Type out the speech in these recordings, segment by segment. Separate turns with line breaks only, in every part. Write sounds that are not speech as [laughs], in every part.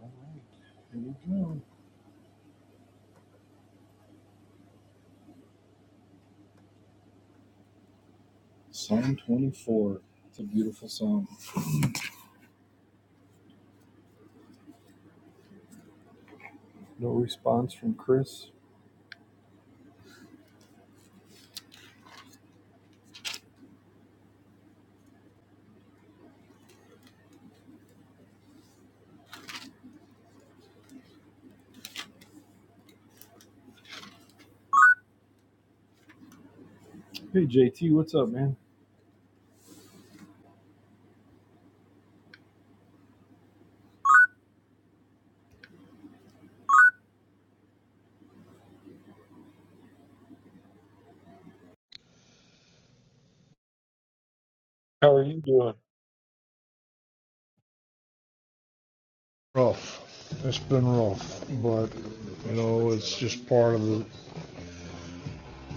All right, here we go. Psalm 24. It's a beautiful psalm. No response from Chris. Hey, JT, what's up, man? How are you doing?
rough. It's been rough, but you know, it's just part of the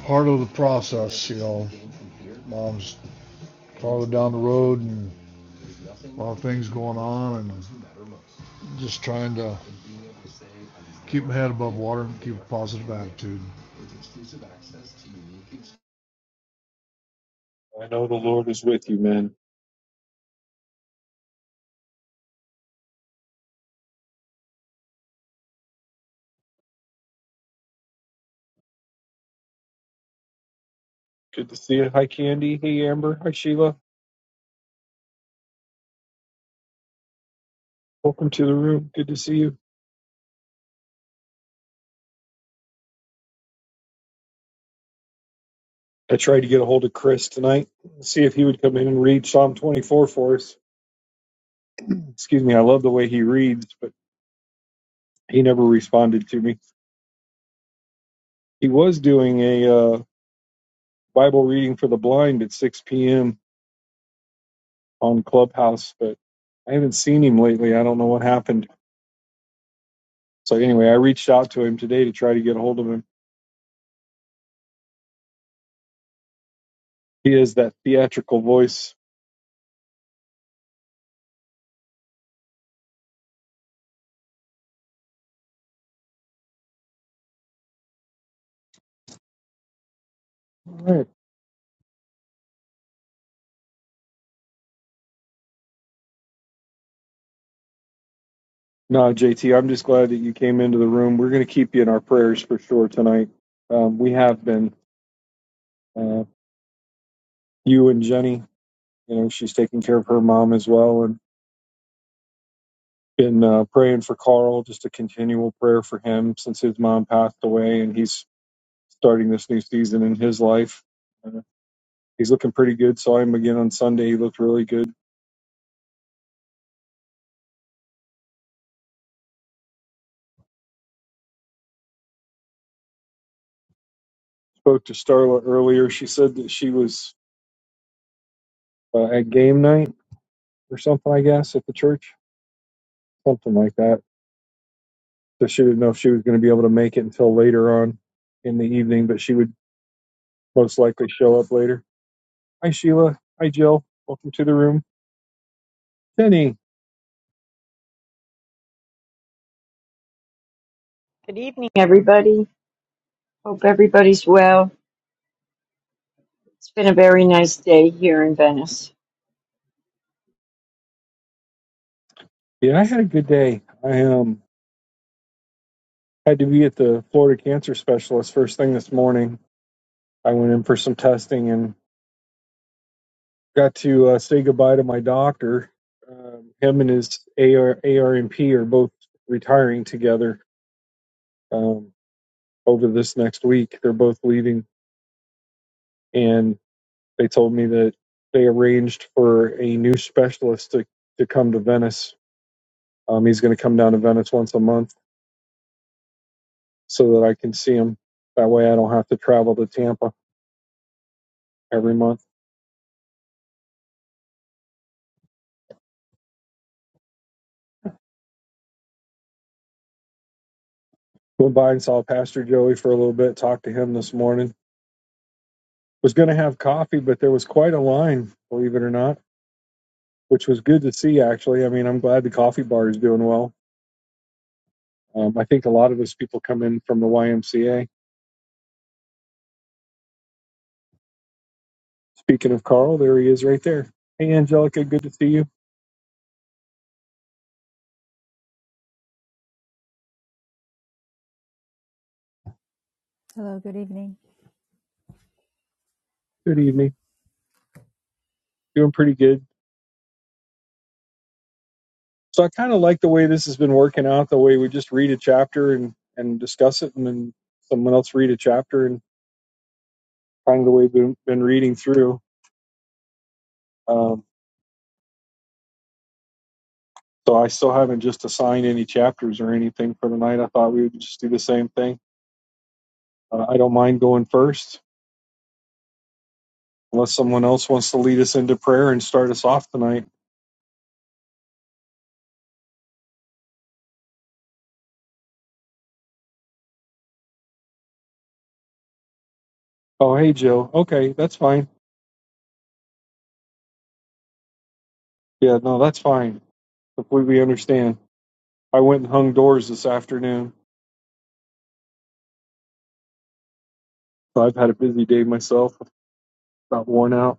part of the process. You know, mom's farther down the road and a lot of things going on, and just trying to keep my head above water and keep a positive attitude.
I know the Lord is with you, man. Good to see you. Hi, Candy. Hey, Amber. Hi, Sheila. Welcome to the room. Good to see you. I tried to get a hold of Chris tonight, see if he would come in and read Psalm 24 for us. Excuse me, I love the way he reads, but he never responded to me. He was doing a uh, Bible reading for the blind at 6 p.m. on Clubhouse, but I haven't seen him lately. I don't know what happened. So anyway, I reached out to him today to try to get a hold of him. He is that theatrical voice. All right. No, JT, I'm just glad that you came into the room. We're going to keep you in our prayers for sure tonight. Um, we have been, uh, you and Jenny, you know, she's taking care of her mom as well, and been uh, praying for Carl, just a continual prayer for him since his mom passed away and he's starting this new season in his life. Uh, he's looking pretty good. Saw him again on Sunday. He looked really good. Spoke to Starla earlier. She said that she was uh, at game night or something, I guess, at the church, something like that. So she didn't know if she was going to be able to make it until later on in the evening, but she would most likely show up later. Hi, Sheila. Hi, Jill. Welcome to the room. Jenny.
Good evening, everybody. Hope everybody's well. It's been a very nice day here in Venice.
Yeah, I had a good day. I um had to be at the Florida Cancer Specialist first thing this morning. I went in for some testing and. got to uh, say goodbye to my doctor. Um, him and his AR, ARMP are both retiring together um, over this next week. They're both leaving, and they told me that they arranged for a new specialist to, to come to Venice. Um, he's going to come down to Venice once a month so that I can see him. That way, I don't have to travel to Tampa every month. Went by and saw Pastor Joey for a little bit, talked to him this morning. Was going to have coffee, but there was quite a line, believe it or not which was good to see. Actually, I mean, I'm glad the coffee bar is doing well. Um, I think a lot of us people come in from the YMCA. Speaking of Carl, there he is right there. Hey, Angelica, good to see you.
Hello, good evening.
Good evening. Doing pretty good. So I kind of like the way this has been working out. The way we just read a chapter and and discuss it, and then someone else read a chapter, and kind of the way we've been, been reading through. Um, so I still haven't just assigned any chapters or anything for the night. I thought we would just do the same thing. Uh, I don't mind going first unless someone else wants to lead us into prayer and start us off tonight. Oh, hey, Joe. Okay, that's fine. Yeah, no, that's fine. Completely understand. I went and hung doors this afternoon. So I've had a busy day myself. About worn out.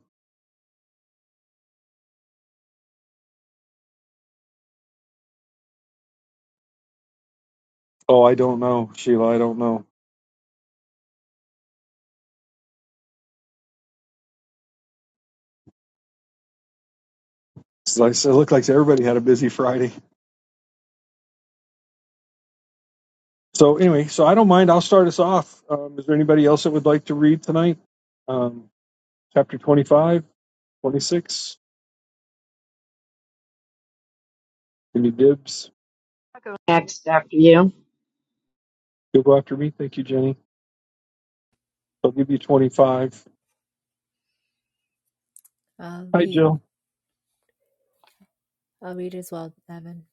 Oh, I don't know, Sheila. I don't know. It's like- It looked like everybody had a busy Friday. So anyway, so I don't mind. I'll start us off. Um, is there anybody else that would like to read tonight? Um, chapter 25, 26. Give me dibs.
I'll go next after you.
You'll go after me. Thank you, Jenny. So I'll give you 25.
I'll
Hi,
read.
Jill.
I'll read as well, Evan.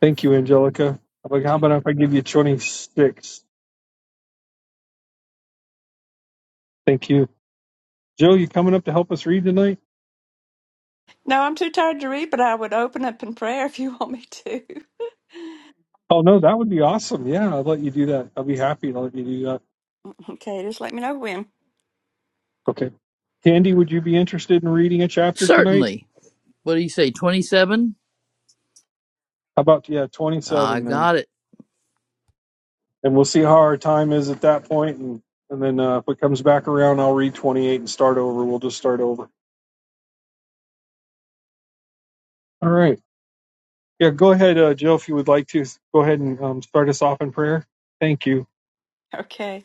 Thank you, Angelica. How about how about if I give you 26? Thank you. Joe. you coming up to help us read tonight?
No, I'm too tired to read, but I would open up in prayer if you [laughs] want me to. [laughs]
Oh, no, that would be awesome. Yeah, I'll let you do that. I'll be happy to let you do that.
Okay, just let me know when.
Okay. Candy, would you be interested in reading a chapter tonight?
Certainly. What do you say, 27?
How about, yeah,
I
27 then?
got it.
And we'll see how our time is at that point, And, and then uh, if it comes back around, I'll read 28 and start over. We'll just start over. All right. Yeah, go ahead, uh, Jill, if you would like to. Go ahead and um, start us off in prayer. Thank you.
Okay.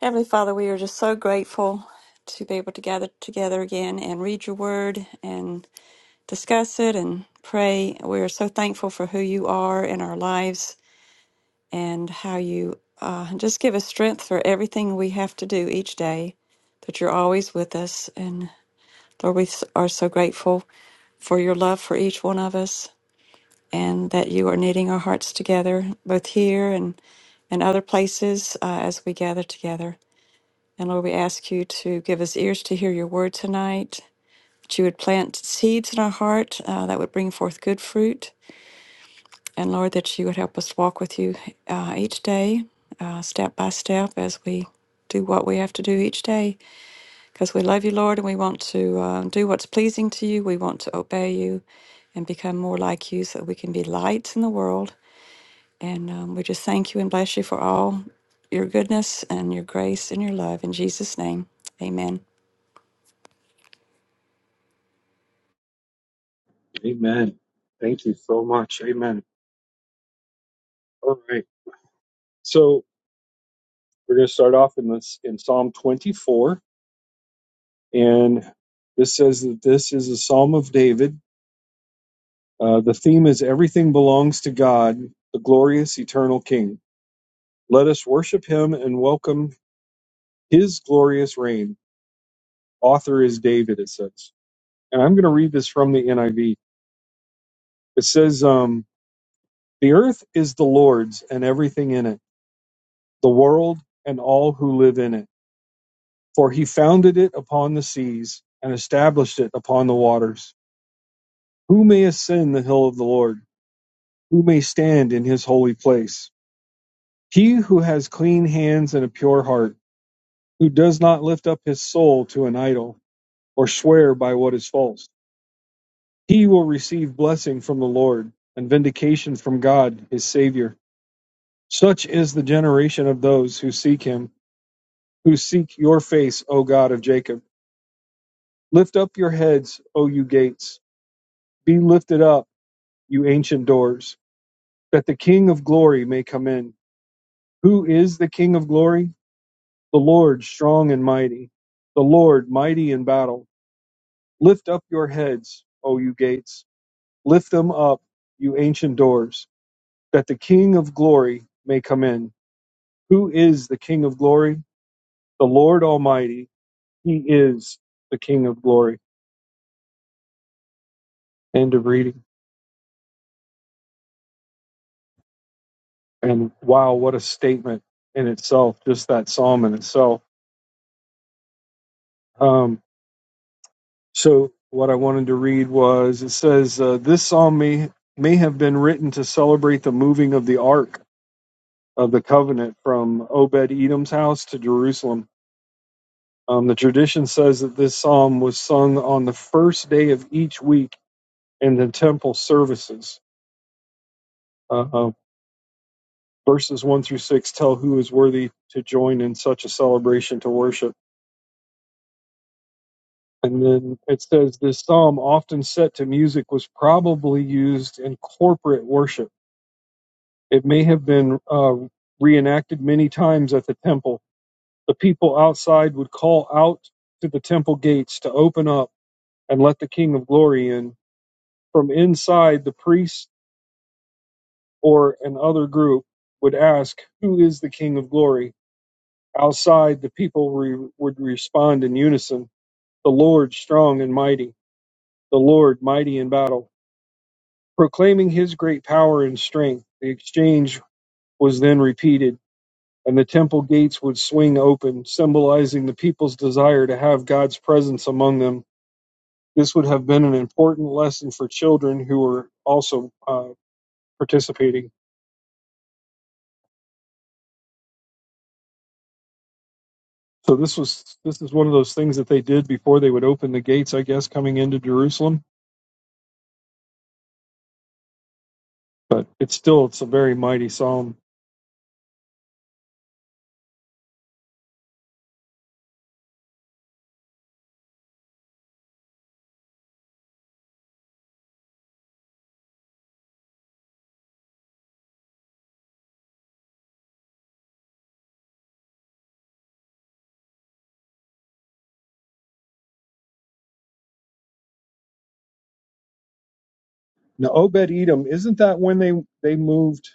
Heavenly Father, we are just so grateful to be able to gather together again and read your word and discuss it and pray. We are so thankful for who you are in our lives and how you uh, just give us strength for everything we have to do each day, that you're always with us. And Lord, we s- are so grateful for your love for each one of us and that you are knitting our hearts together, both here and, and other places uh, as we gather together. And Lord, we ask you to give us ears to hear your word tonight, that you would plant seeds in our heart uh, that would bring forth good fruit. And Lord, that you would help us walk with you uh, each day, uh, step by step, as we do what we have to do each day. Because we love you, Lord, and we want to uh, do what's pleasing to you. We want to obey you and become more like you so that we can be lights in the world And um, we just thank you and bless you for all your goodness and your grace and your love. In Jesus' name, amen.
Amen. Thank you so much. Amen. All right. So we're going to start off in this in Psalm 24, and this says that this is a Psalm of David. Uh, the theme is everything belongs to God, the glorious eternal King. Let us worship Him and welcome His glorious reign. Author is David, it says, and I'm going to read this from the NIV. It says, um, "The earth is the Lord's and everything in it, the world and all who live in it." For he founded it upon the seas, and established it upon the waters. Who may ascend the hill of the Lord? Who may stand in his holy place? He who has clean hands and a pure heart, who does not lift up his soul to an idol, or swear by what is false. He will receive blessing from the Lord, and vindication from God his Saviour. Such is the generation of those who seek him, who seek your face, O God of Jacob. Lift up your heads, O you gates. Be lifted up you ancient doors, that the King of glory may come in. Who is the King of glory? The Lord strong and mighty, the Lord mighty in battle. Lift up your heads, O you gates, lift them up, you ancient doors, that the King of glory may come in. Who is the King of glory? The Lord Almighty. He is the King of glory. End of reading. And wow, what a statement in itself, just that psalm in itself. Um, So what I wanted to read was it says uh, this psalm may may have been written to celebrate the moving of the Ark of the Covenant from Obed Edom's house to Jerusalem. Um, the tradition says that this psalm was sung on the first day of each week in the temple services. Uh, uh, verses one through six tell who is worthy to join in such a celebration to worship. And then it says this psalm, often set to music, was probably used in corporate worship It may have been uh, reenacted many times at the temple. The people outside would call out to the temple gates to open up and let the King of Glory in. From inside, the priest or another group would ask, Who is the King of Glory? Outside, the people re- would respond in unison, The Lord strong and mighty, the Lord mighty in battle. Proclaiming his great power and strength, the exchange was then repeated and the temple gates would swing open, symbolizing the people's desire to have God's presence among them. This would have been an important lesson for children who were also uh, participating. So this was this is one of those things that they did before they would open the gates, I guess, coming into Jerusalem. But it's still it's a very mighty psalm. Now Obed Edom, isn't that when they they moved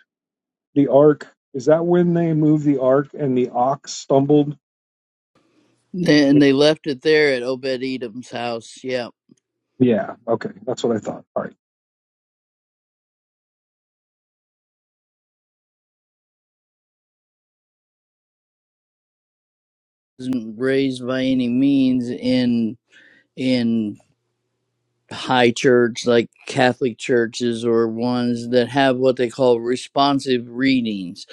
the ark? Is that when they moved the ark and the ox stumbled?
Then they left it there at Obed Edom's house. Yeah.
Yeah. Okay, that's what I thought. All right.
Wasn't raised by any means in in high church like Catholic churches or ones that have what they call responsive readings.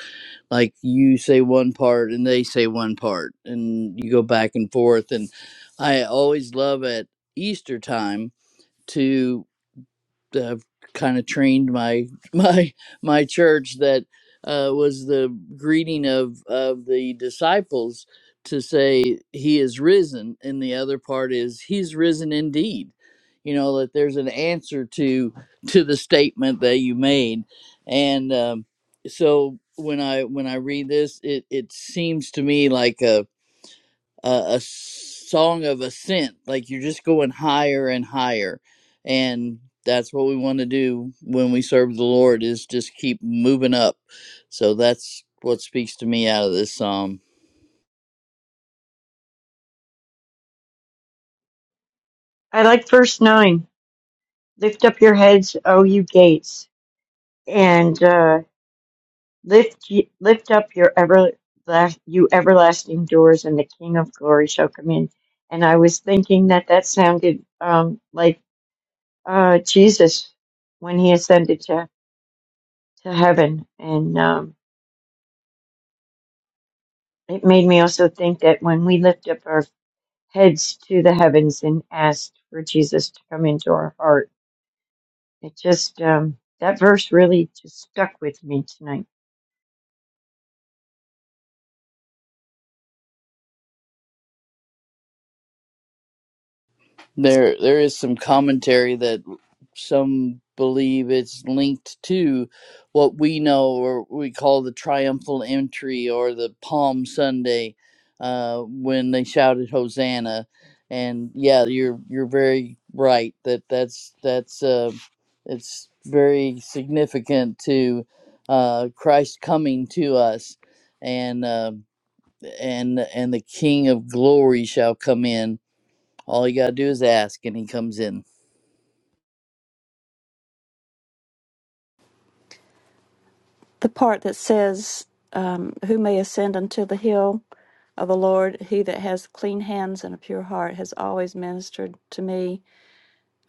Like you say one part and they say one part and you go back and forth. And I always love at Easter time to. uh, kind of trained my [laughs] my my church that uh, was the greeting of of the disciples to say he is risen and the other part is he's risen indeed you know that there's an answer to to the statement that you made and um, so when i when i read this it it seems to me like a a, a song of ascent. Like you're just going higher and higher, and that's what we want to do when we serve the Lord is just keep moving up. So that's what speaks to me out of this psalm.
I like verse 9. Lift up your heads, O you gates, and uh, lift ye- lift up your everlast, you everlasting doors, and the King of glory shall come in. And I was thinking that that sounded um, like uh, Jesus when he ascended to, to heaven. And um, it made me also think that when we lift up our heads to the heavens and asked for Jesus to come into our heart. It just, um, that verse really just stuck with me tonight.
There, there is some commentary that some believe it's linked to what we know or we call the triumphal entry or the Palm Sunday uh, when they shouted Hosanna. And yeah, you're you're very right that that's that's uh, it's very significant to uh, Christ coming to us and uh, and and the King of Glory shall come in all you gotta do is ask, and he comes in.
The part that says, um, Who may ascend unto the hill of the Lord? He that has clean hands and a pure heart has always ministered to me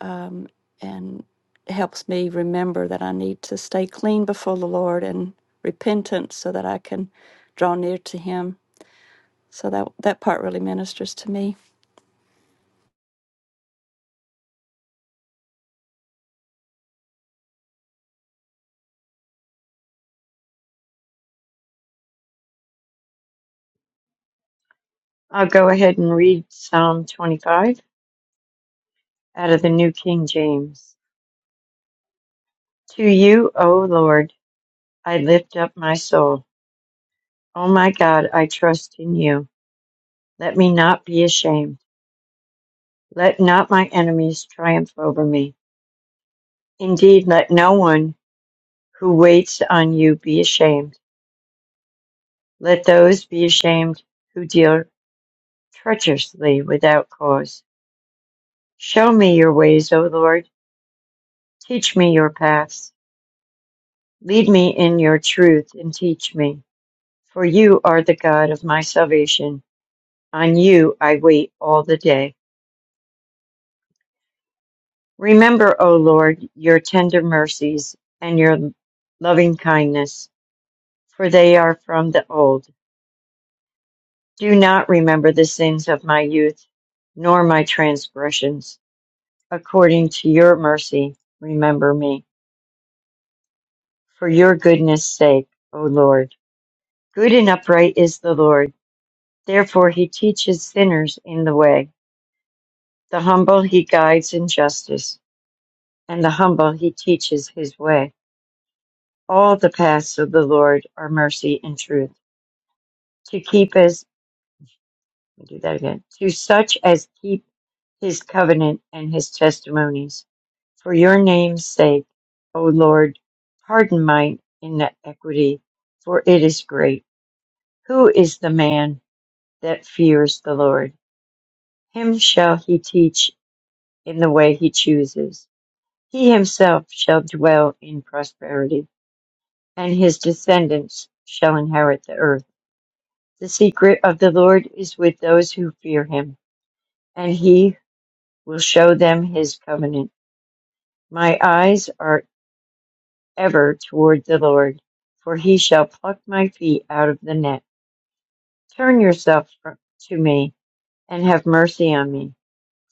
um, and helps me remember that I need to stay clean before the Lord and repentant so that I can draw near to Him. So that, that part really ministers to me.
I'll go ahead and read Psalm 25 out of the New King James. To you, O Lord, I lift up my soul. O my God, I trust in you. Let me not be ashamed. Let not my enemies triumph over me. Indeed, let no one who waits on you be ashamed. Let those be ashamed who deal treacherously without cause. Show me your ways, O Lord. Teach me your paths. Lead me in your truth and teach me. For you are the God of my salvation. On you I wait all the day. Remember, O Lord, your tender mercies and your loving kindness, for they are from the old. Do not remember the sins of my youth, nor my transgressions. According to your mercy, remember me for your goodness' sake, O Lord. Good and upright is the Lord. Therefore, he teaches sinners in the way. The humble he guides in justice, and the humble he teaches his way. All the paths of the Lord are mercy and truth. To keep as, let me do that again, to such as keep his covenant and his testimonies. For your name's sake, O Lord, pardon mine inequity, for it is great. Who is the man? that fears the Lord. Him shall he teach in the way he chooses. He himself shall dwell in prosperity, and his descendants shall inherit the earth. The secret of the Lord is with those who fear him, and he will show them his covenant. My eyes are ever toward the Lord, for he shall pluck my feet out of the net. Turn yourself to me, and have mercy on me,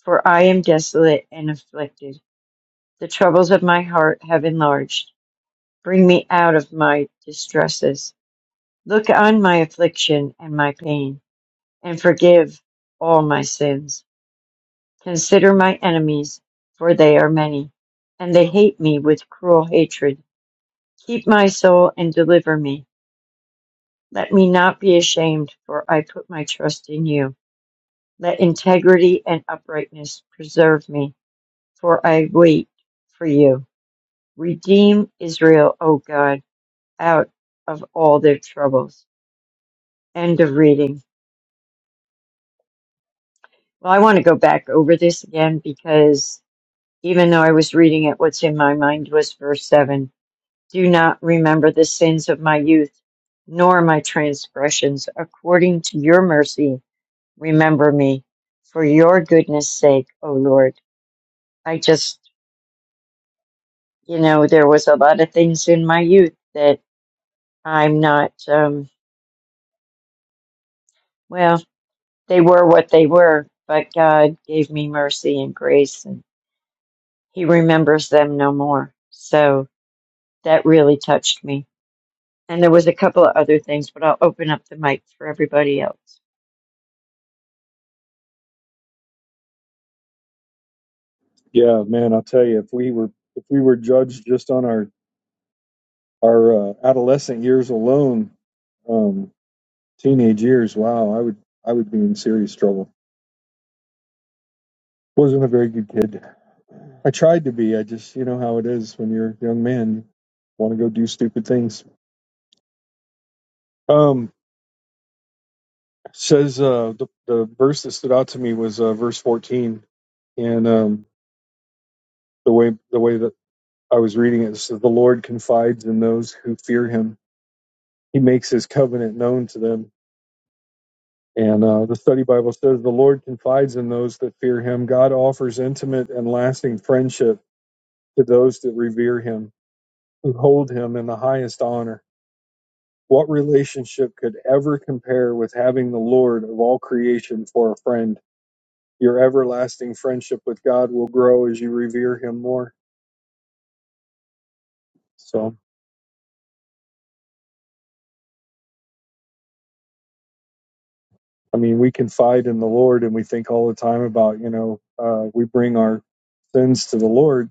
for I am desolate and afflicted. The troubles of my heart have enlarged. Bring me out of my distresses. Look on my affliction and my pain, and forgive all my sins. Consider my enemies, for they are many, and they hate me with cruel hatred. Keep my soul and deliver me. Let me not be ashamed, for I put my trust in you. Let integrity and uprightness preserve me, for I wait for you. Redeem Israel, O God out of all their troubles. End of reading. Well, I want to go back over this again because even though I was reading it, what's in my mind was verse 7 Do not remember the sins of my youth, nor my transgressions. According to your mercy, remember me for your goodness sake, O Lord. I just, you know, there was a lot of things in my youth that I'm not, um, well, they were what they were, but God gave me mercy and grace. and. he remembers them no more. So that really touched me. And there was a couple of other things, but I'll open up the mic for everybody else.
Yeah, man, I'll tell you, if we were if we were judged just on our our uh, adolescent years alone, um, teenage years, wow, I would I would be in serious trouble. Wasn't a very good kid. I tried to be. I just you know how it is when you're a young man, you want to go do stupid things. Um, says uh, the the verse that stood out to me was uh, verse 14, and um, the way the way that I was reading it, it says, "The Lord confides in those who fear Him. He makes His covenant known to them." And uh, the study Bible says the Lord confides in those that fear him. God offers intimate and lasting friendship to those that revere him, who hold him in the highest honor. What relationship could ever compare with having the Lord of all creation for a friend? Your everlasting friendship with God will grow as you revere him more. So, I mean, we confide in the Lord and we think all the time about, you know, uh, we bring our sins to the Lord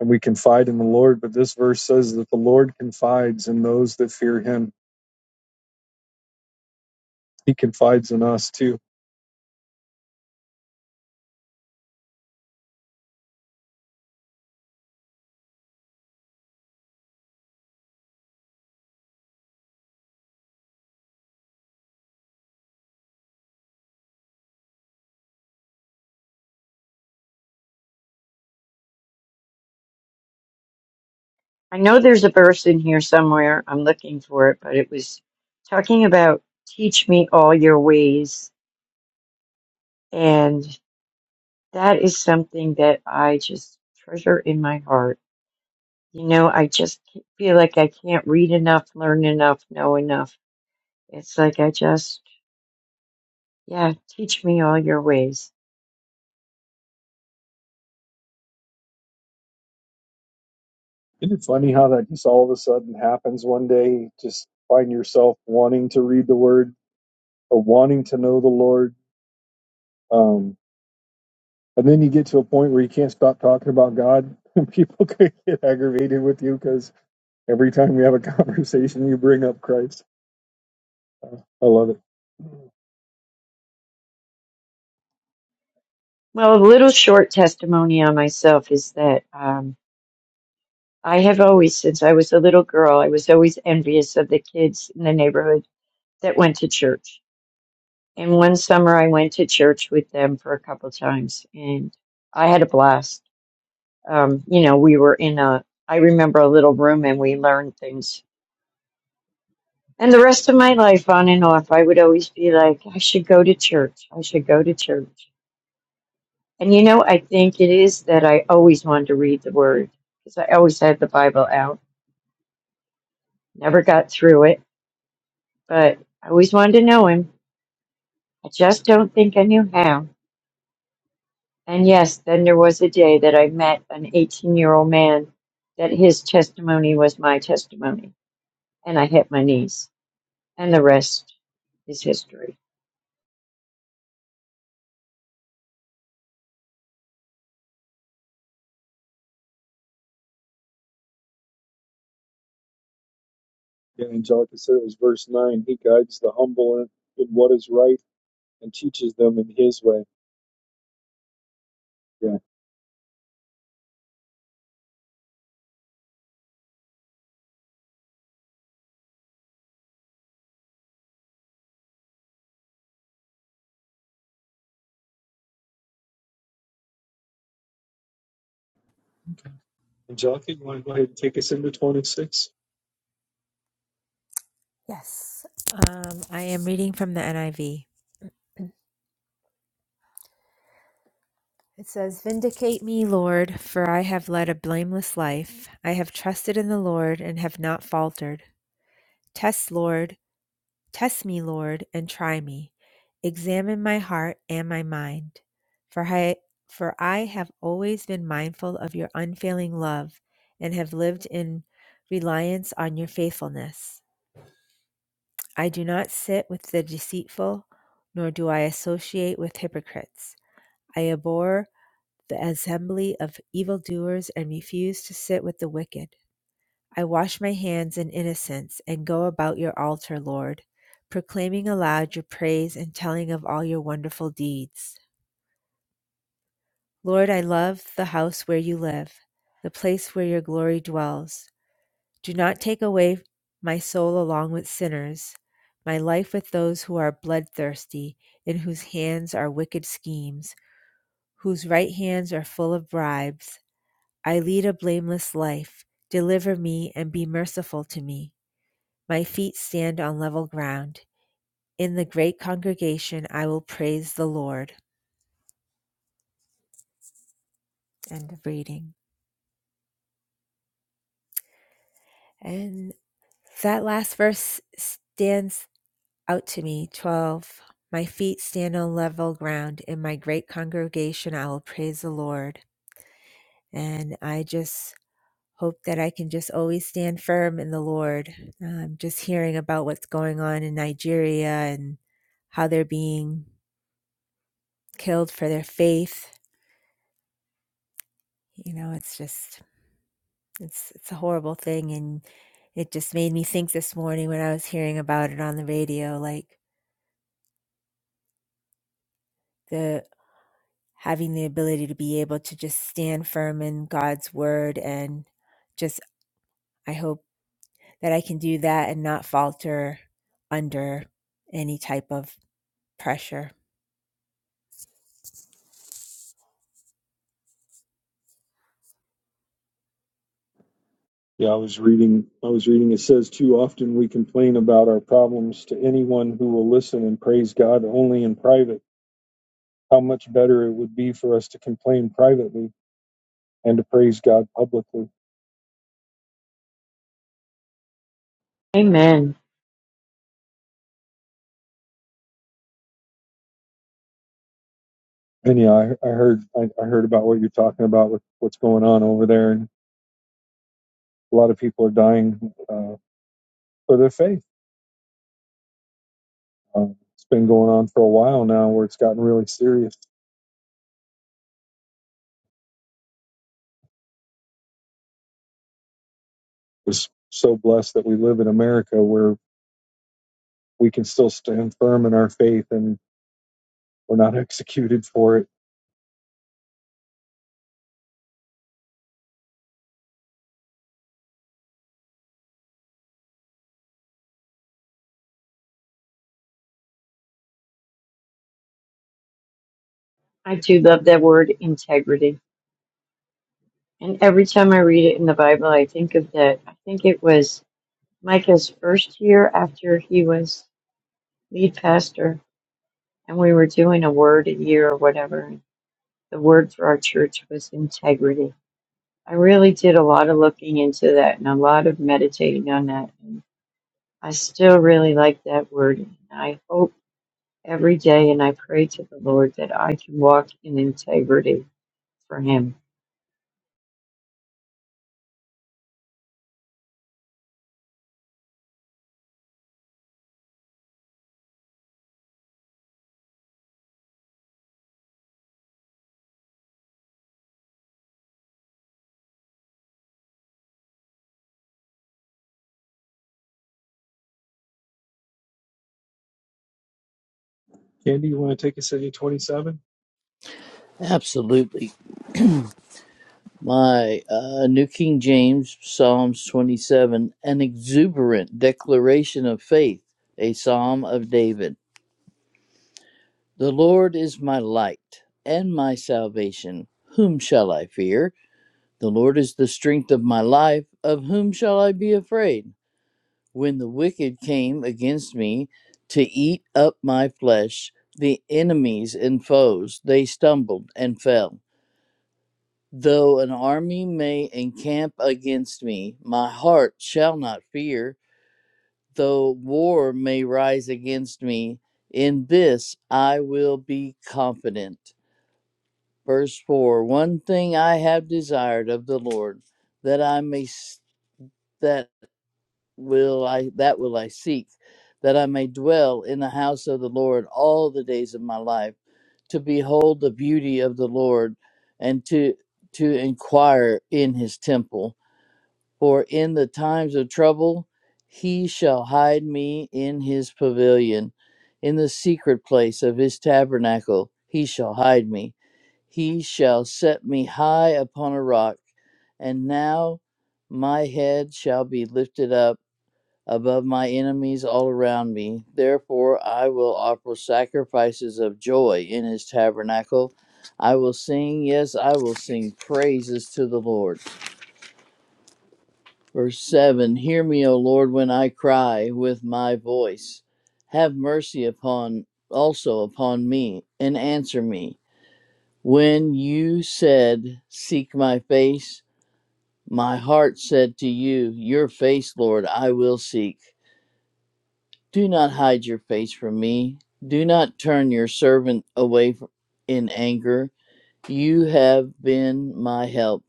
and we confide in the Lord. But this verse says that the Lord confides in those that fear him. He confides in us too.
I know there's a verse in here somewhere. I'm looking for it, but it was talking about teach me all your ways. And that is something that I just treasure in my heart. You know, I just feel like I can't read enough, learn enough, know enough. It's like I just, yeah, teach me all your ways
Isn't it funny how that just all of a sudden happens one day? Just find yourself wanting to read the word or wanting to know the Lord. Um, and then you get to a point where you can't stop talking about God. [laughs] People could get aggravated with you because every time we have a [laughs] conversation, you bring up Christ. I love it.
Well, a little short testimony on myself is that um, I have always, since I was a little girl, I was always envious of the kids in the neighborhood that went to church. And one summer I went to church with them for a couple times and I had a blast. Um, you know, we were in a, I remember a little room and we learned things. And the rest of my life, on and off, I would always be like, I should go to church. I should go to church. And you know, I think it is that I always wanted to read the Word because I always had the Bible out. Never got through it, but I always wanted to know Him. I just don't think I knew how. And yes, then there was a day that I met an 18 year old man that his testimony was my testimony. And I hit my knees. And the rest is history.
Yeah, Angelica said it was verse 9. He guides the humble in, in what is right and teaches them in his way. Yeah. Jockey, you want to go ahead and take us into 26?
Yes. Um, I am reading from the NIV. It says, Vindicate me, Lord, for I have led a blameless life. I have trusted in the Lord and have not faltered. Test, Lord, test me, Lord, and try me. Examine my heart and my mind. For I, for I have always been mindful of your unfailing love and have lived in reliance on your faithfulness. I do not sit with the deceitful, nor do I associate with hypocrites. I abhor the assembly of evildoers and refuse to sit with the wicked. I wash my hands in innocence and go about your altar, Lord, proclaiming aloud your praise and telling of all your wonderful deeds. Lord, I love the house where you live, the place where your glory dwells. Do not take away my soul along with sinners, my life with those who are bloodthirsty, in whose hands are wicked schemes, whose right hands are full of bribes. I lead a blameless life. Deliver me and be merciful to me. My feet stand on level ground. In the great congregation, I will praise the Lord. End of reading. And that last verse stands Out to me, 12. My feet stand on level ground. In my great congregation, I will praise the Lord. And I just hope that I can just always stand firm in the Lord. Um, just hearing about what's going on in Nigeria and how they're being killed for their faith, you know, it's just, it's, it's a horrible thing. And it just made me think this morning when I was hearing about it on the radio, like, the. having the ability to be able to just stand firm in God's word and just I hope that I can do that and not falter under any type of pressure.
Yeah, I was reading. I was reading. It says, "Too often we complain about our problems to anyone who will listen and praise God only in private. How much better it would be for us to complain privately and to praise God publicly."
Amen.
And yeah, I, I heard. I, I heard about what you're talking about with what's going on over there, and a lot of people are dying uh, for their faith. Uh, it's been going on for a while now, where it's gotten really serious. It's so blessed that we live in America, where we can still stand firm in our faith and we're not [laughs] executed for it.
I do love that word integrity. And every time I read it in the Bible, I think of that. I think it was Micah's first year after he was lead pastor, and we were doing a word a year or whatever. The word for our church was integrity. I really did a lot of looking into that and a lot of meditating on that. And I still really like that word. And I hope every day and I pray to the Lord that I can walk in integrity for Him.
Candy, you want to take us into 27?
Absolutely. [clears throat] My uh, New King James, Psalms 27, an exuberant declaration of faith, a psalm of David. The Lord is my light and my salvation. Whom shall I fear? The Lord is the strength of my life. Of whom shall I be afraid? When the wicked came against me to eat up my flesh, the enemies and foes, they stumbled and fell. Though an army may encamp against me, my heart shall not fear. Though war may rise against me, in this I will be confident. Verse 4 One thing I have desired of the Lord, that I may that will I that will I seek, that I may dwell in the house of the Lord all the days of my life, to behold the beauty of the Lord and to to inquire in his temple. For in the times of trouble he shall hide me in his pavilion, in the secret place of his tabernacle he shall hide me. He shall set me high upon a rock, and now my head shall be lifted up above my enemies all around me. Therefore I will offer sacrifices of joy in his tabernacle. I will sing, yes, I will sing praises to the Lord. Verse 7 Hear me, O Lord, when I cry with my voice. Have mercy upon also upon me, and answer me. When you said, Seek my face, my heart said to you, Your face, Lord, I will seek. Do not hide your face from me. Do not turn your servant away in anger. You have been my help.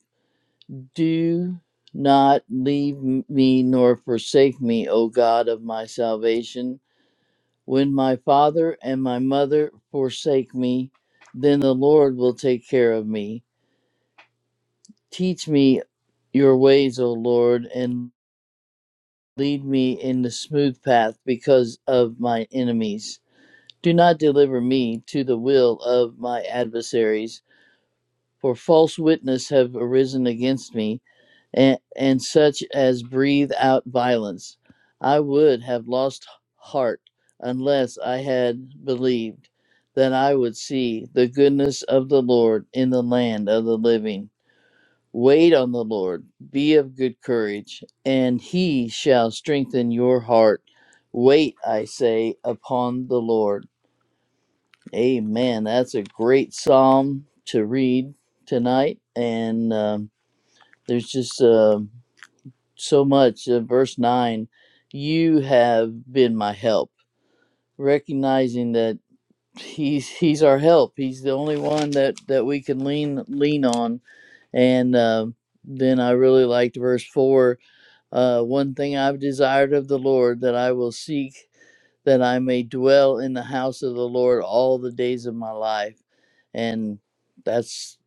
Do not leave me nor forsake me, O God of my salvation. When my father and my mother forsake me, then the Lord will take care of me. Teach me your ways, O Lord, and lead me in the smooth path because of my enemies. Do not deliver me to the will of my adversaries for false witness have arisen against me, and, and such as breathe out violence. I would have lost heart unless I had believed that I would see the goodness of the Lord in the land of the living. Wait on the Lord, be of good courage, and he shall strengthen your heart. Wait, I say, upon the Lord. Amen. That's a great psalm to read tonight. And um, there's just uh, so much. Uh, verse 9 You have been my help. Recognizing that he's he's our help. He's the only one that, that we can lean lean on. And uh, then I really liked verse four. Uh, one thing I've desired of the Lord that I will seek, that I may dwell in the house of the Lord all the days of my life. And that's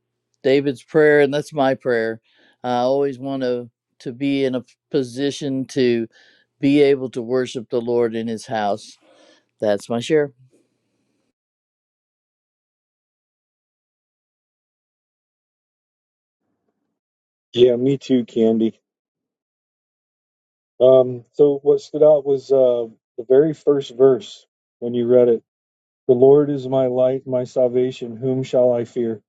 David's prayer, and that's my prayer. I always want to to be in a position to be able to worship the Lord in His house. That's my share.
Yeah, me too, Candy. Um, so what stood out was uh, the very first verse when you read it. The Lord is my light, my salvation. Whom shall I fear?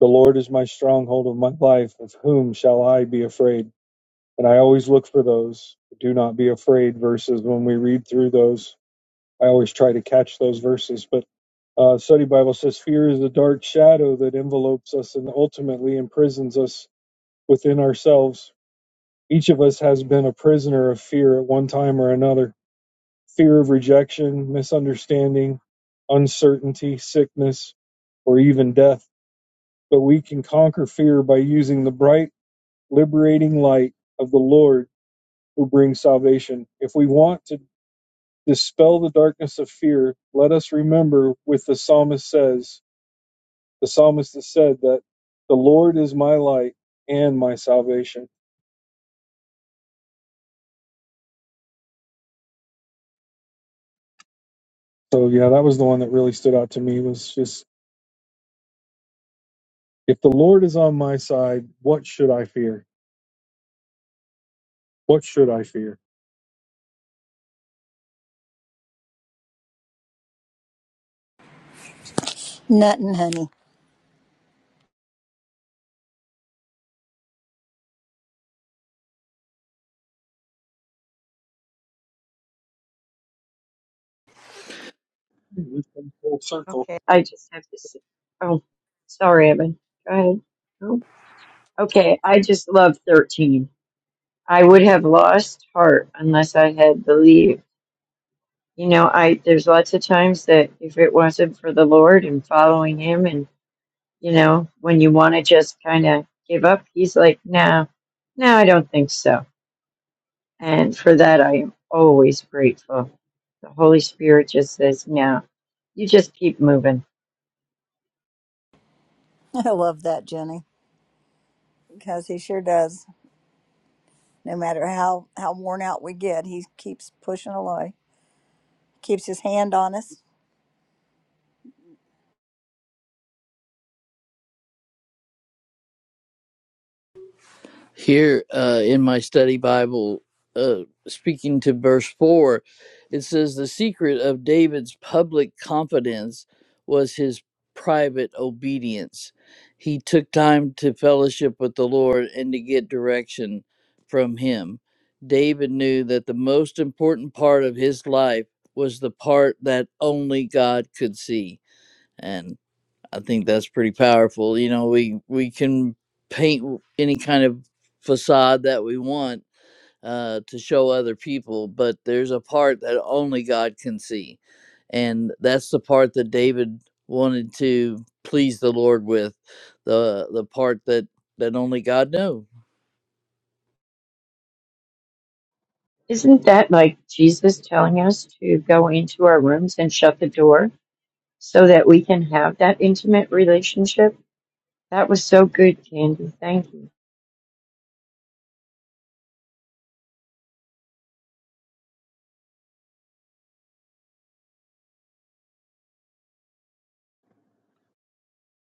The Lord is my stronghold of my life. Of whom shall I be afraid? And I always look for those. Do not be afraid verses when we read through those. I always try to catch those verses, but uh, study Bible says fear is a dark shadow that envelopes us and ultimately imprisons us within ourselves. Each of us has been a prisoner of fear at one time or another. Fear of rejection, misunderstanding, uncertainty, sickness, or even death. But we can conquer fear by using the bright, liberating light of the Lord who brings salvation. If we want to dispel the darkness of fear, let us remember with the psalmist says, the psalmist has said that the Lord is my light and my salvation. So yeah, that was the one that really stood out to me was just if the Lord is on my side, what should I fear? What should I fear?
Nothing, honey.
We've come full circle.
Okay, I just have to say, oh, sorry, Evan. Go ahead. Oh, okay, I just love 13. I would have lost heart unless I had believed. You know, I there's lots of times that if it wasn't for the Lord and following Him, and you know, when you want to just kind of give up, He's like, "No, no, I don't think so." And for that, I am always grateful. The Holy Spirit just says, "No, you just keep moving."
[laughs] I love that, Jenny, because he sure does. No matter how, how worn out we get, he keeps pushing away, keeps his hand on us.
Here uh, in my study Bible, uh, speaking to verse 4, it says, The secret of David's public confidence was his private obedience. He took time to fellowship with the Lord and to get direction from him. David knew that the most important part of his life was the part that only God could see. and. I think that's pretty powerful. You know, we we can paint any kind of facade that we want uh, to show other people, but there's a part that only God can see, and that's the part that David wanted to please the Lord with, the the part that that only God knew.
Isn't that like Jesus telling us to go into our rooms and shut the door so that we can have that intimate relationship? That was so good, Candy. Thank you.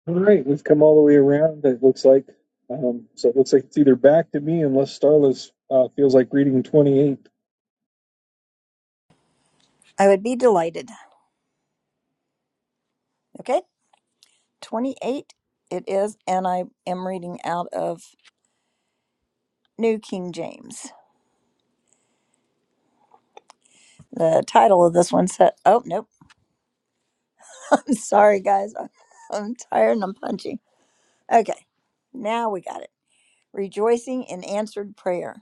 All right, we've come all the way around. It looks like, um, so it looks like it's either back to me unless Starla's uh, feels like reading twenty eight.
I would be delighted. Okay, 28 it is, and I am reading out of New King James. The title of this one said, Oh, nope. [laughs] I'm sorry, guys. [laughs] I'm I'm tired and I'm punchy. Okay, now we got it. Rejoicing in answered prayer.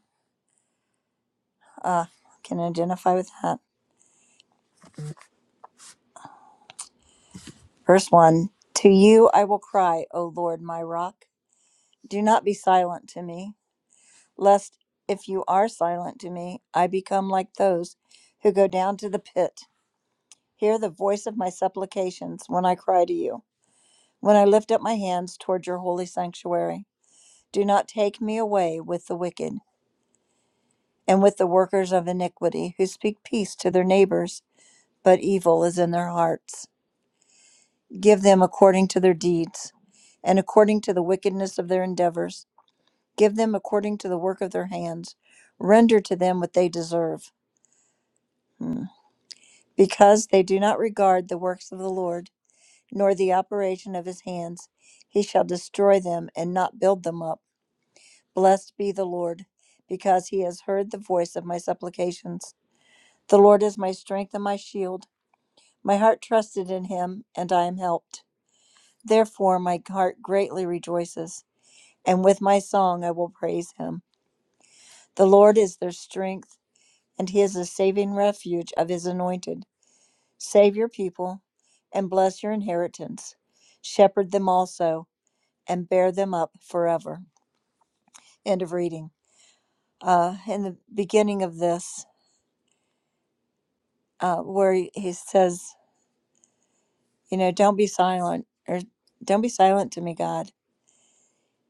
Uh, can identify with that. Verse 1 To you I will cry, O Lord, my rock. Do not be silent to me, lest if you are silent to me, I become like those who go down to the pit. Hear the voice of my supplications when I cry to you, when I lift up my hands toward your holy sanctuary. Do not take me away with the wicked and with the workers of iniquity who speak peace to their neighbors, but evil is in their hearts. Give them according to their deeds and according to the wickedness of their endeavors. Give them according to the work of their hands. Render to them what they deserve. Hmm. Because they do not regard the works of the Lord, nor the operation of his hands, he shall destroy them and not build them up. Blessed be the Lord, because he has heard the voice of my supplications. The Lord is my strength and my shield. My heart trusted in him, and I am helped. Therefore, my heart greatly rejoices, and with my song I will praise him. The Lord is their strength and he is the saving refuge of his anointed. Save your people and bless your inheritance. Shepherd them also and bear them up forever. End of reading. Uh, in the beginning of this, uh, where he he says, you know, don't be silent or don't be silent to me, God.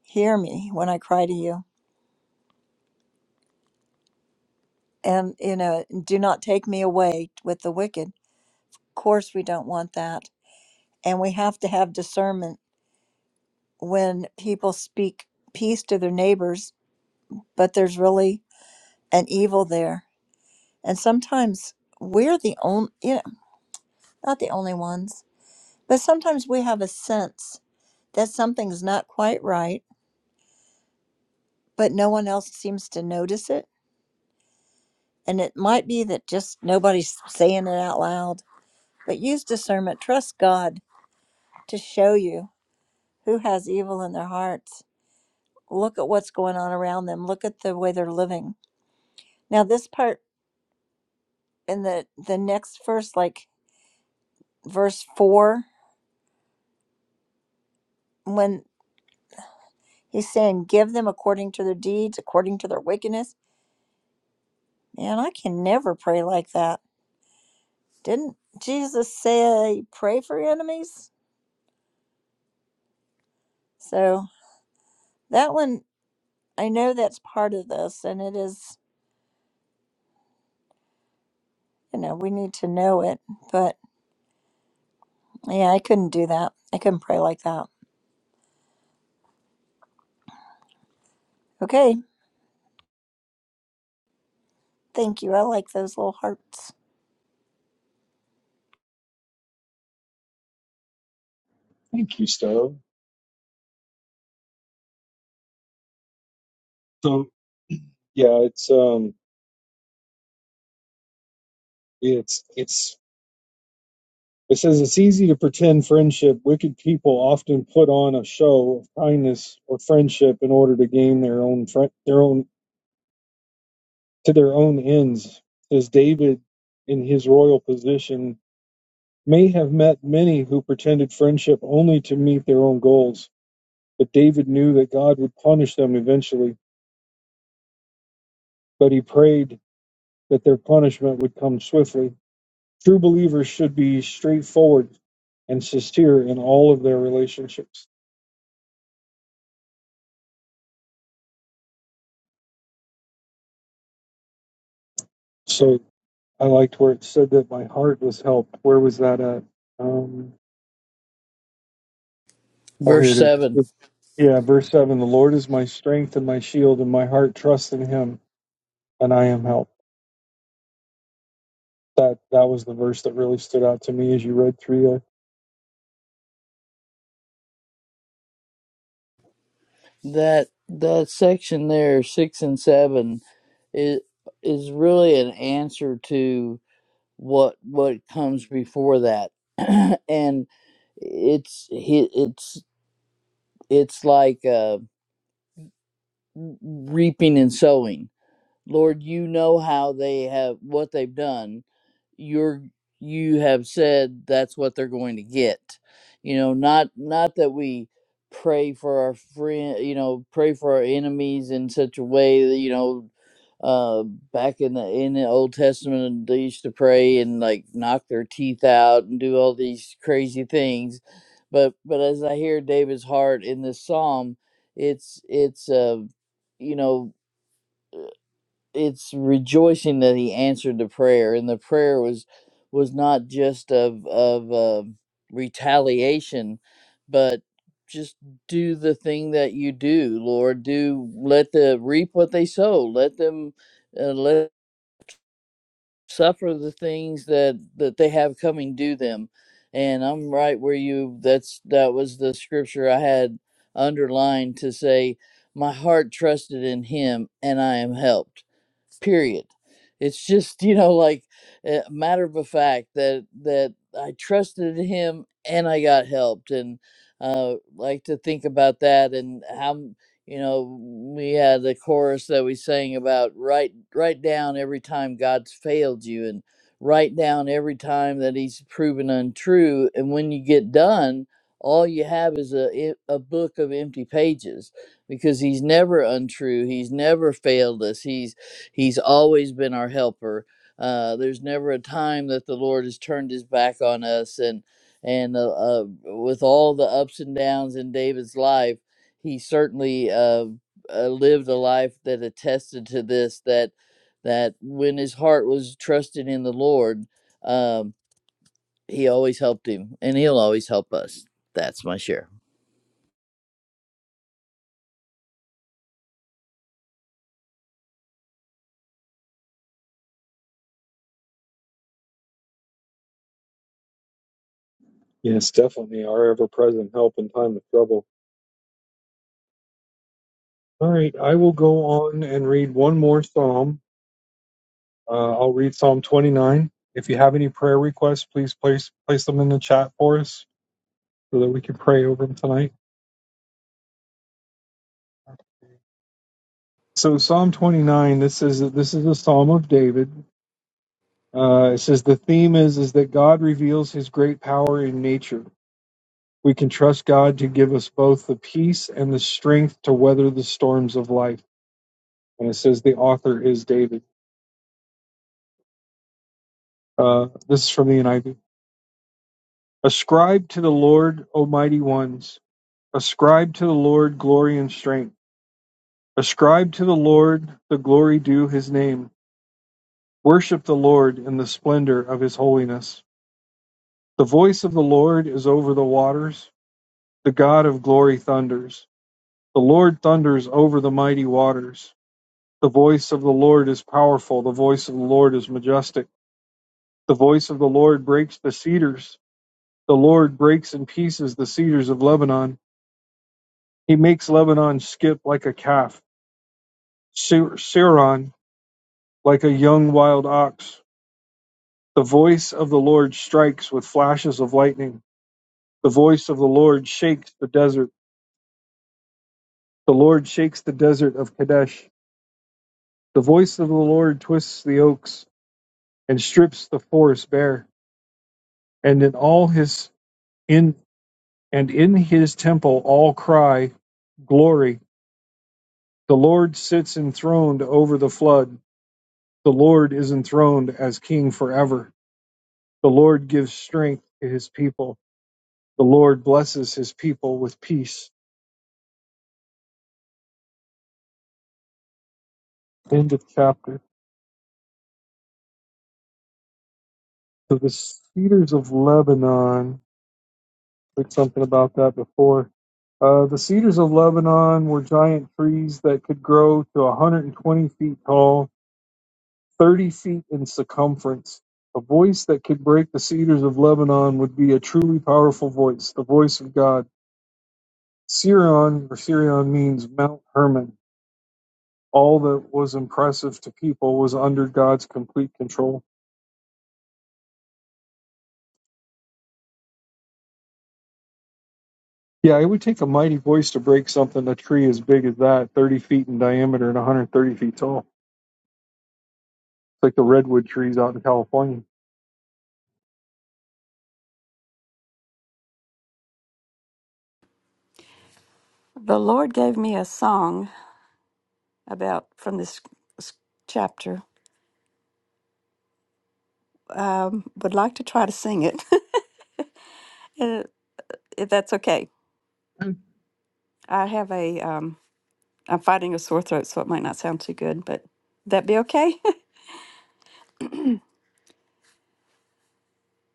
Hear me when I cry to you. And, you know, do not take me away with the wicked. Of course, we don't want that. And we have to have discernment when people speak peace to their neighbors but there's really an evil there. And sometimes we're the only, you know, not the only ones, but sometimes we have a sense that something's not quite right, but no one else seems to notice it. And it might be that just nobody's saying it out loud, but use discernment. Trust God to show you who has evil in their hearts. Look at what's going on around them. Look at the way they're living. Now, this part in the the next verse, like verse four, when. He's saying, Give them according to their deeds, according to their wickedness. Man, I can never pray like that. Didn't Jesus say, Pray for your enemies? So that one, I know that's part of this, and it is, you know, we need to know it. But yeah, I couldn't do that. I couldn't pray like that. Okay. Thank you. I like those little hearts.
Thank you, Starla. So yeah, it's um, it's it's It says it's easy to pretend friendship. Wicked people often put on a show of kindness or friendship in order to gain their own fri their own to their own ends. As David, in his royal position, may have met many who pretended friendship only to meet their own goals. But David knew that God would punish them eventually. But he prayed that their punishment would come swiftly. True believers should be straightforward and sincere in all of their relationships. So I liked where it said that my heart was helped. Where was that at? Um, oh, here
Verse
it
seven.
is. Yeah, verse 7 The Lord is my strength and my shield, and my heart trusts in him, and I am helped. That that was the verse that really stood out to me as you read through there.
That that section there, six and seven, is is really an answer to what what comes before that [clears throat] and it's he- it's it's like uh, reaping and sowing Lord, you know how they have what they've done. You're you have said that's what they're going to get. You know, not not that we pray for our friend, you know, pray for our enemies in such a way that you know uh back in the in the old testament they used to pray and like knock their teeth out and do all these crazy things but but as i hear david's heart in this psalm it's it's uh you know it's rejoicing that he answered the prayer and the prayer was was not just of of um retaliation but just do the thing that you do lord do let the reap what they sow let them uh, let suffer the things that that they have coming due them and i'm right where you that's that was the scripture i had underlined to say my heart trusted in him and i am helped period it's just [laughs] you know like a matter of a fact that that i trusted him and i got helped and uh like to think about that and how you know we had the chorus that we sang about write write down every time god's failed you and write down every time that he's proven untrue and when you get done all you have is a, e- a book of empty pages because he's never untrue he's never failed us he's he's always been our helper uh, there's never a time that the lord has turned his back on us and and uh, uh, with all the ups and downs in david's life he certainly uh, uh, lived a life that attested to this that that when his heart was trusted in the lord um, he always helped him and he'll always help us that's my share
Yes, definitely our ever present help in time of trouble. All right, I will go on and read one more psalm. Uh, I'll read Psalm 29. If you have any prayer requests, please place place them in the chat for us so that we can pray over them tonight. So Psalm 29, this is this is a psalm of David. Uh, it says the theme is is that God reveals His great power in nature. We can trust God to give us both the peace and the strength to weather the storms of life. And it says the author is David. Uh, this is from the NIV. Ascribe to the Lord, O mighty ones. Ascribe to the Lord glory and strength. Ascribe to the Lord the glory due His name. Worship the Lord in the splendor of His holiness. The voice of the Lord is over the waters. The God of glory thunders. The Lord thunders over the mighty waters. The voice of the Lord is powerful. The voice of the Lord is majestic. The voice of the Lord breaks the cedars. The Lord breaks in pieces the cedars of Lebanon. He makes Lebanon skip like a calf, Sir- Siron like a young wild ox. The voice of the Lord strikes with flashes of lightning. The voice of the Lord shakes the desert. The Lord shakes the desert of Kadesh. The voice of the Lord twists the oaks and strips the forest bare, and in all his in and in his temple all cry glory. The Lord sits enthroned over the flood. The Lord is enthroned as king forever. The Lord gives strength to his people. The Lord blesses his people with peace. End of chapter. So the cedars of Lebanon said something about that before. Uh, the cedars of Lebanon were giant trees that could grow to 120 feet tall, 30 feet in circumference. A voice that could break the cedars of Lebanon would be a truly powerful voice, the voice of God. Sirion, or Sirion means Mount Hermon. All that was impressive to people was under God's complete control. Yeah, it would take a mighty voice to break something a tree as big as that, 30 feet in diameter and 130 feet tall. like the redwood trees out in California.
The Lord gave me a song about from this s- chapter. Um, would like to try to sing it, [laughs] Uh, if that's okay. I have a, um, I'm fighting a sore throat, so it might not sound too good, but that be okay?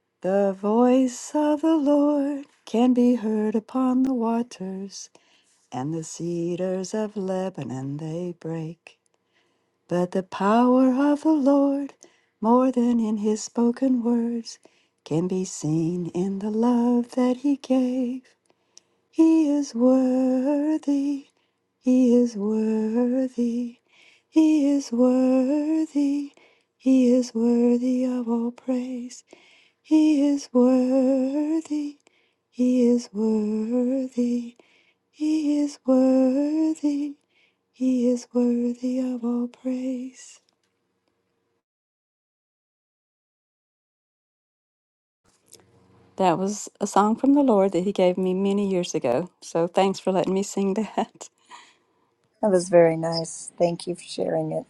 [laughs] the voice of the Lord can be heard upon the waters, and the cedars of Lebanon they break. But the power of the Lord, more than in his spoken words, can be seen in the love that he gave. He is worthy. He is worthy. He is worthy. He is worthy of all praise. He is worthy. He is worthy. He is worthy. He is worthy of all praise. That was a song from the Lord that He gave me many years ago. So thanks for letting me sing that.
That was very nice. Thank you for sharing it.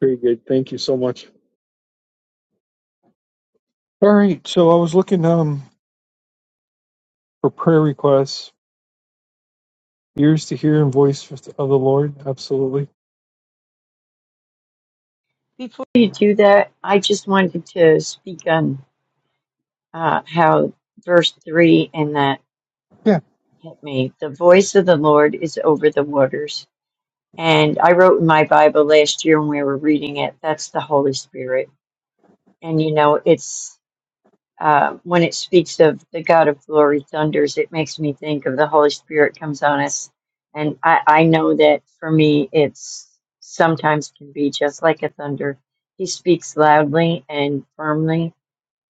Very good. Thank you so much. All right. So I was looking um for prayer requests, ears to hear and voice of the Lord. Absolutely.
Before you do that, I just wanted to speak on uh, how verse 3 and that
Yeah.
hit me. The voice of the Lord is over the waters. And I wrote in my Bible last year when we were reading it, that's the Holy Spirit. And you know, it's. uh, when it speaks of the God of glory thunders, it makes me think of the Holy Spirit comes on us. And I, I know that for me, it's sometimes can be just like a thunder. He speaks loudly and firmly,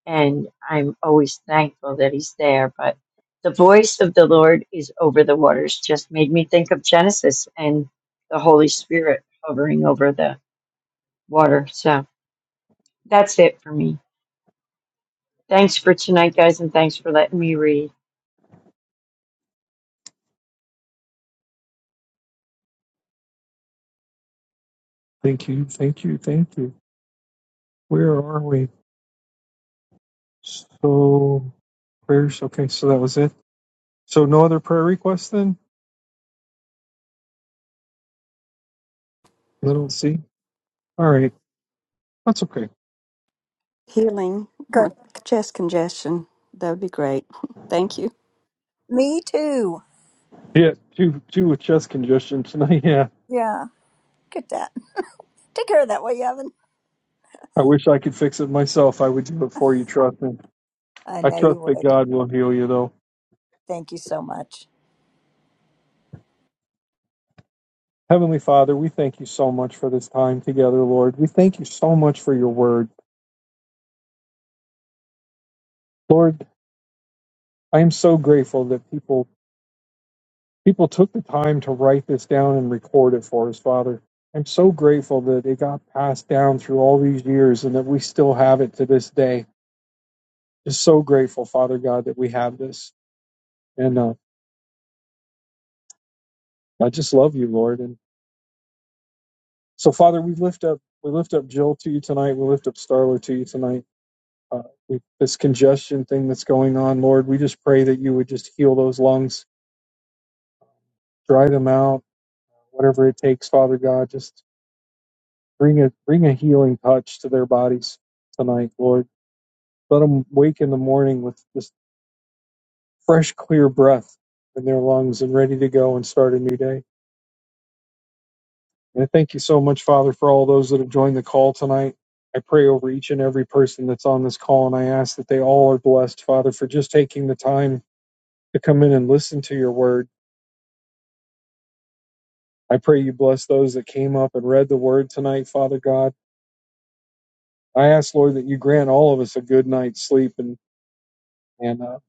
and I'm always thankful that he's there. But the voice of the Lord is over the waters just made me think of Genesis and the Holy Spirit hovering over the water. So that's it for me. Thanks for tonight, guys, and thanks for letting me read.
Thank you. Thank you. Thank you. Where are we? So prayers. Okay. So that was it. So no other prayer requests then. I don't see. All right. That's okay.
Healing
Good.
with chest congestion. That would be great. [laughs] Thank you.
Me too.
Yeah. Two two with chest congestion tonight. [laughs] Yeah.
Yeah. Get that. Take care of that, will you, Evan?
I wish I could fix it myself. I would do it for you. Trust me.
I
I
know
trust
you
that
would.
God will heal you though.
Thank you so much.
Heavenly Father, we thank you so much for this time together, Lord. We thank you so much for your word. Lord, I am so grateful that people people took the time to write this down and record it for us, Father. I'm so grateful that it got passed down through all these years and that we still have it to this day. Just so grateful, Father God, that we have this. And uh, I just love you, Lord. And so, Father, we lift up we lift up Jill to you tonight. We lift up Starla to you tonight. uh, with this congestion thing that's going on, Lord. We just pray that you would just heal those lungs, dry them out, whatever it takes, Father God. Just bring a bring a healing touch to their bodies tonight, Lord. Let them wake in the morning with this fresh, clear breath in their lungs and ready to go and start a new day. And I thank you so much, Father, for all those that have joined the call tonight. I pray over each and every person that's on this call, and I ask that they all are blessed, Father, for just taking the time to come in and listen to your word I pray you bless those that came up and read the word tonight, Father God. I ask, Lord, that you grant all of us a good night's sleep and, and uh,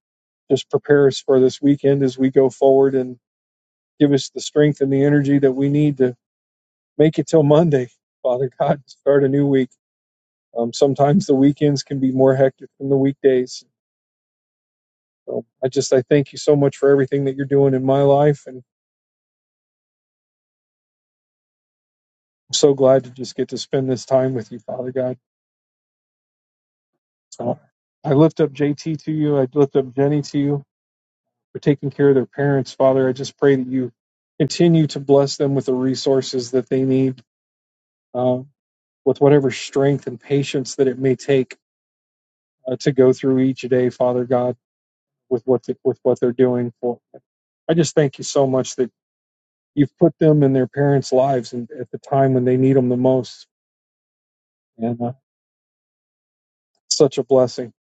just prepare us for this weekend as we go forward and give us the strength and the energy that we need to make it till Monday, Father God, to start a new week. Um, sometimes the weekends can be more hectic than the weekdays. So I just I thank you so much for everything that you're doing in my life, and I'm so glad to just get to spend this time with you, Father God. So I lift up JT to you. I lift up Jenny to you. for taking care of their parents, Father. I just pray that you continue to bless them with the resources that they need, uh, with whatever strength and patience that it may take uh, to go through each day, Father God, with what the, with what they're doing. For them. I just thank you so much that you've put them in their parents' lives and at the time when they need them the most, and uh, such a blessing,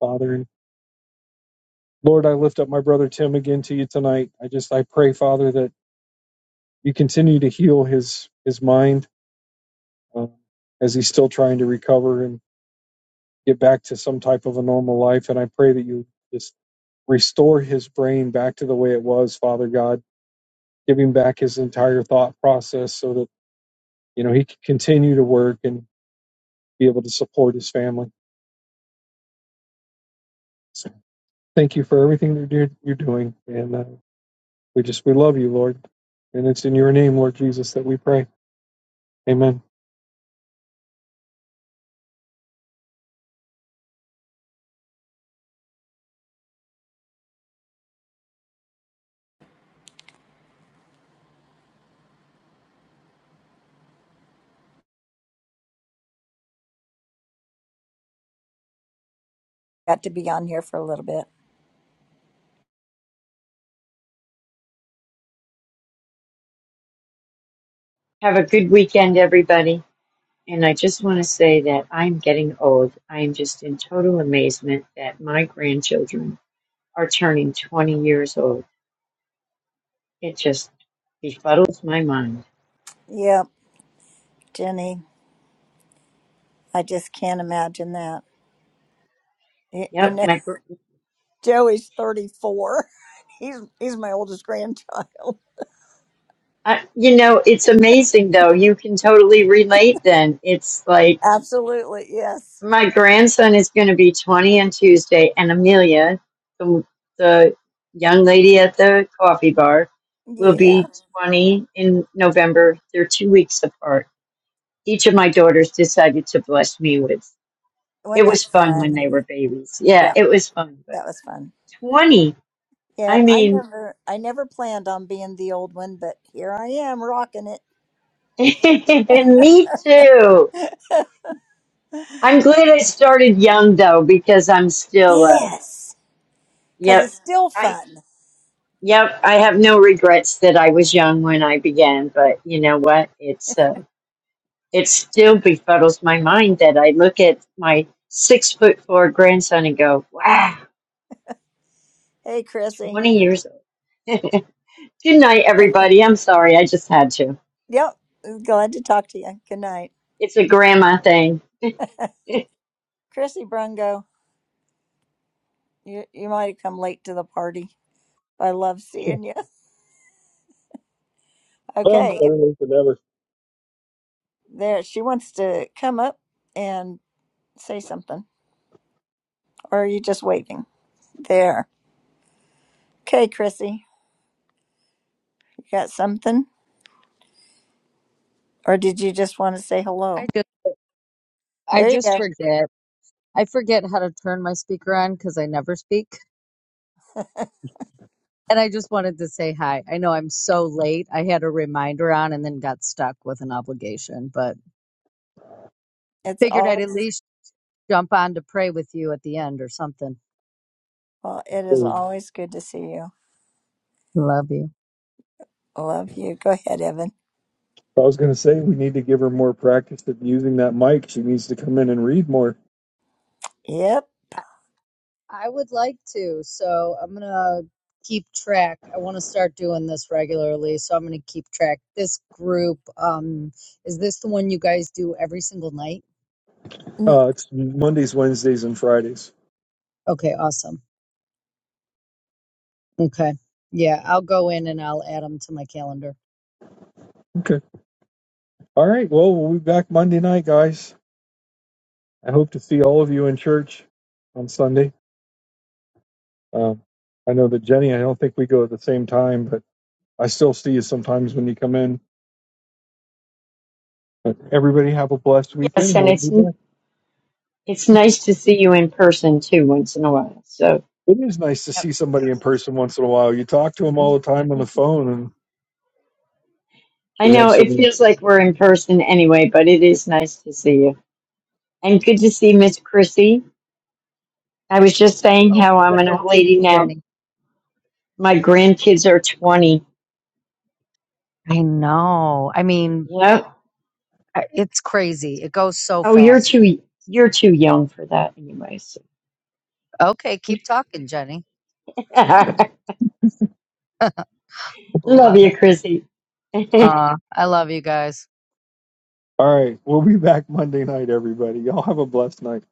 Father. And Lord, I lift up my brother Tim again to you tonight. I just I pray, Father, that you continue to heal his his mind um, as he's still trying to recover and get back to some type of a normal life. And I pray that you just restore his brain back to the way it was, Father God. Give him back his entire thought process so that, you know, he can continue to work and be able to support his family. So thank you for everything that you're you're doing. And uh, we just, we love you, Lord. And it's in your name, Lord Jesus, that we pray. Amen.
got to be on here for a little bit.
Have a good weekend, everybody. And I just want to say that I'm getting old. I am just in total amazement that my grandchildren are turning 20 years old. It just befuddles my mind.
Yep, Jenny. I just can't imagine that. Y- You
Yep,
know,
my gr-
[laughs] Joey's 34. [laughs] He's he's my oldest grandchild.
I, you know, it's amazing though. You can totally relate then. It's like
Absolutely, yes.
my grandson is going to be 20 on Tuesday and Amelia, the, the young lady at the coffee bar, will
Yeah.
be 20 in November. They're 2 weeks apart each of my daughters decided to bless me with.
Wasn't
It
that
was fun when
fun?
they were babies. Yeah,
Yeah,
it was fun. But
that was fun.
20,
Yeah,
I
I
mean,
never I never planned on being the old one, but here I am rocking it.
[laughs] me too. I'm glad I started young though, because I'm still, uh,
Yes, cuz
yep.
it's still
I,
fun.
yep. I have no regrets that I was young when I began, but you know what? It's, uh, it still befuddles my mind that I look at my six foot four grandson and go, wow,
Hey, Chrissy.
20 years old. [laughs] Good night, everybody. I'm sorry, I just had to.
Yep, glad to talk to you. Good night.
It's a grandma thing. [laughs]
Chrissy Brungo, you you might have come late to the party. I love
Yeah.
seeing you. [laughs]
Well,
Okay,
better late than never.
there. She wants to come up and say something. Or are you just waving? There. Okay, Chrissy, you got something? Or did you just want to say
I
hello?
just I
There you
just
go.
forget. I forget how to turn my speaker on because I never speak. And I just wanted to say hi. I know I'm so late. I had a reminder on and then got stuck with an obligation, but
It's
figured I'd at
always,
least jump on to pray with you at the end or something.
well, it is
I
always good to see you.
Love you.
Love you. Go ahead, Evan.
was going to say we need to give her more practice of using that mic. She needs to come in and read more
Yep.
I, I would like to, so I'm gonna keep track. I want to start doing this regularly, so I'm gonna keep track. This group, um, is this the one you guys do every single night?
Uh, it's Mondays, Wednesdays, and Fridays.
Okay, awesome. Okay. Yeah, I'll go in and I'll add them to my calendar.
Okay. All right. Well, we'll be back Monday night, guys. I hope to see all of you in church on Sunday. Um, I know that Jenny, I don't think we go at the same time, but I still see you sometimes when you come in. But everybody have a blessed
Yeah. Yes,
weekend.
and
We'll be
it's
back.
it's nice to see you in person too once in a while. So
It is nice to see somebody in
Yep.
person once in a while. You talk to them all the time on the phone, and
I
we
know
have so
it
many.
feels like we're in person anyway, but it is nice to see you. And good to see Miss Chrissy. I was just saying
Oh,
how I'm
it's
an
good to
old
see
lady
you,
now.
Jenny.
My grandkids are 20.
I know. I mean,
Yep.
I- it's crazy. It goes so
Oh, you're
fast.
too you're too young for that anyway. So.
Okay, keep talking, Jenny.
[laughs] Love
Love
you,
it.
Chrissy. [laughs]
Aw, I love you guys.
All right. We'll be back Monday night, everybody. Y'all have a blessed night.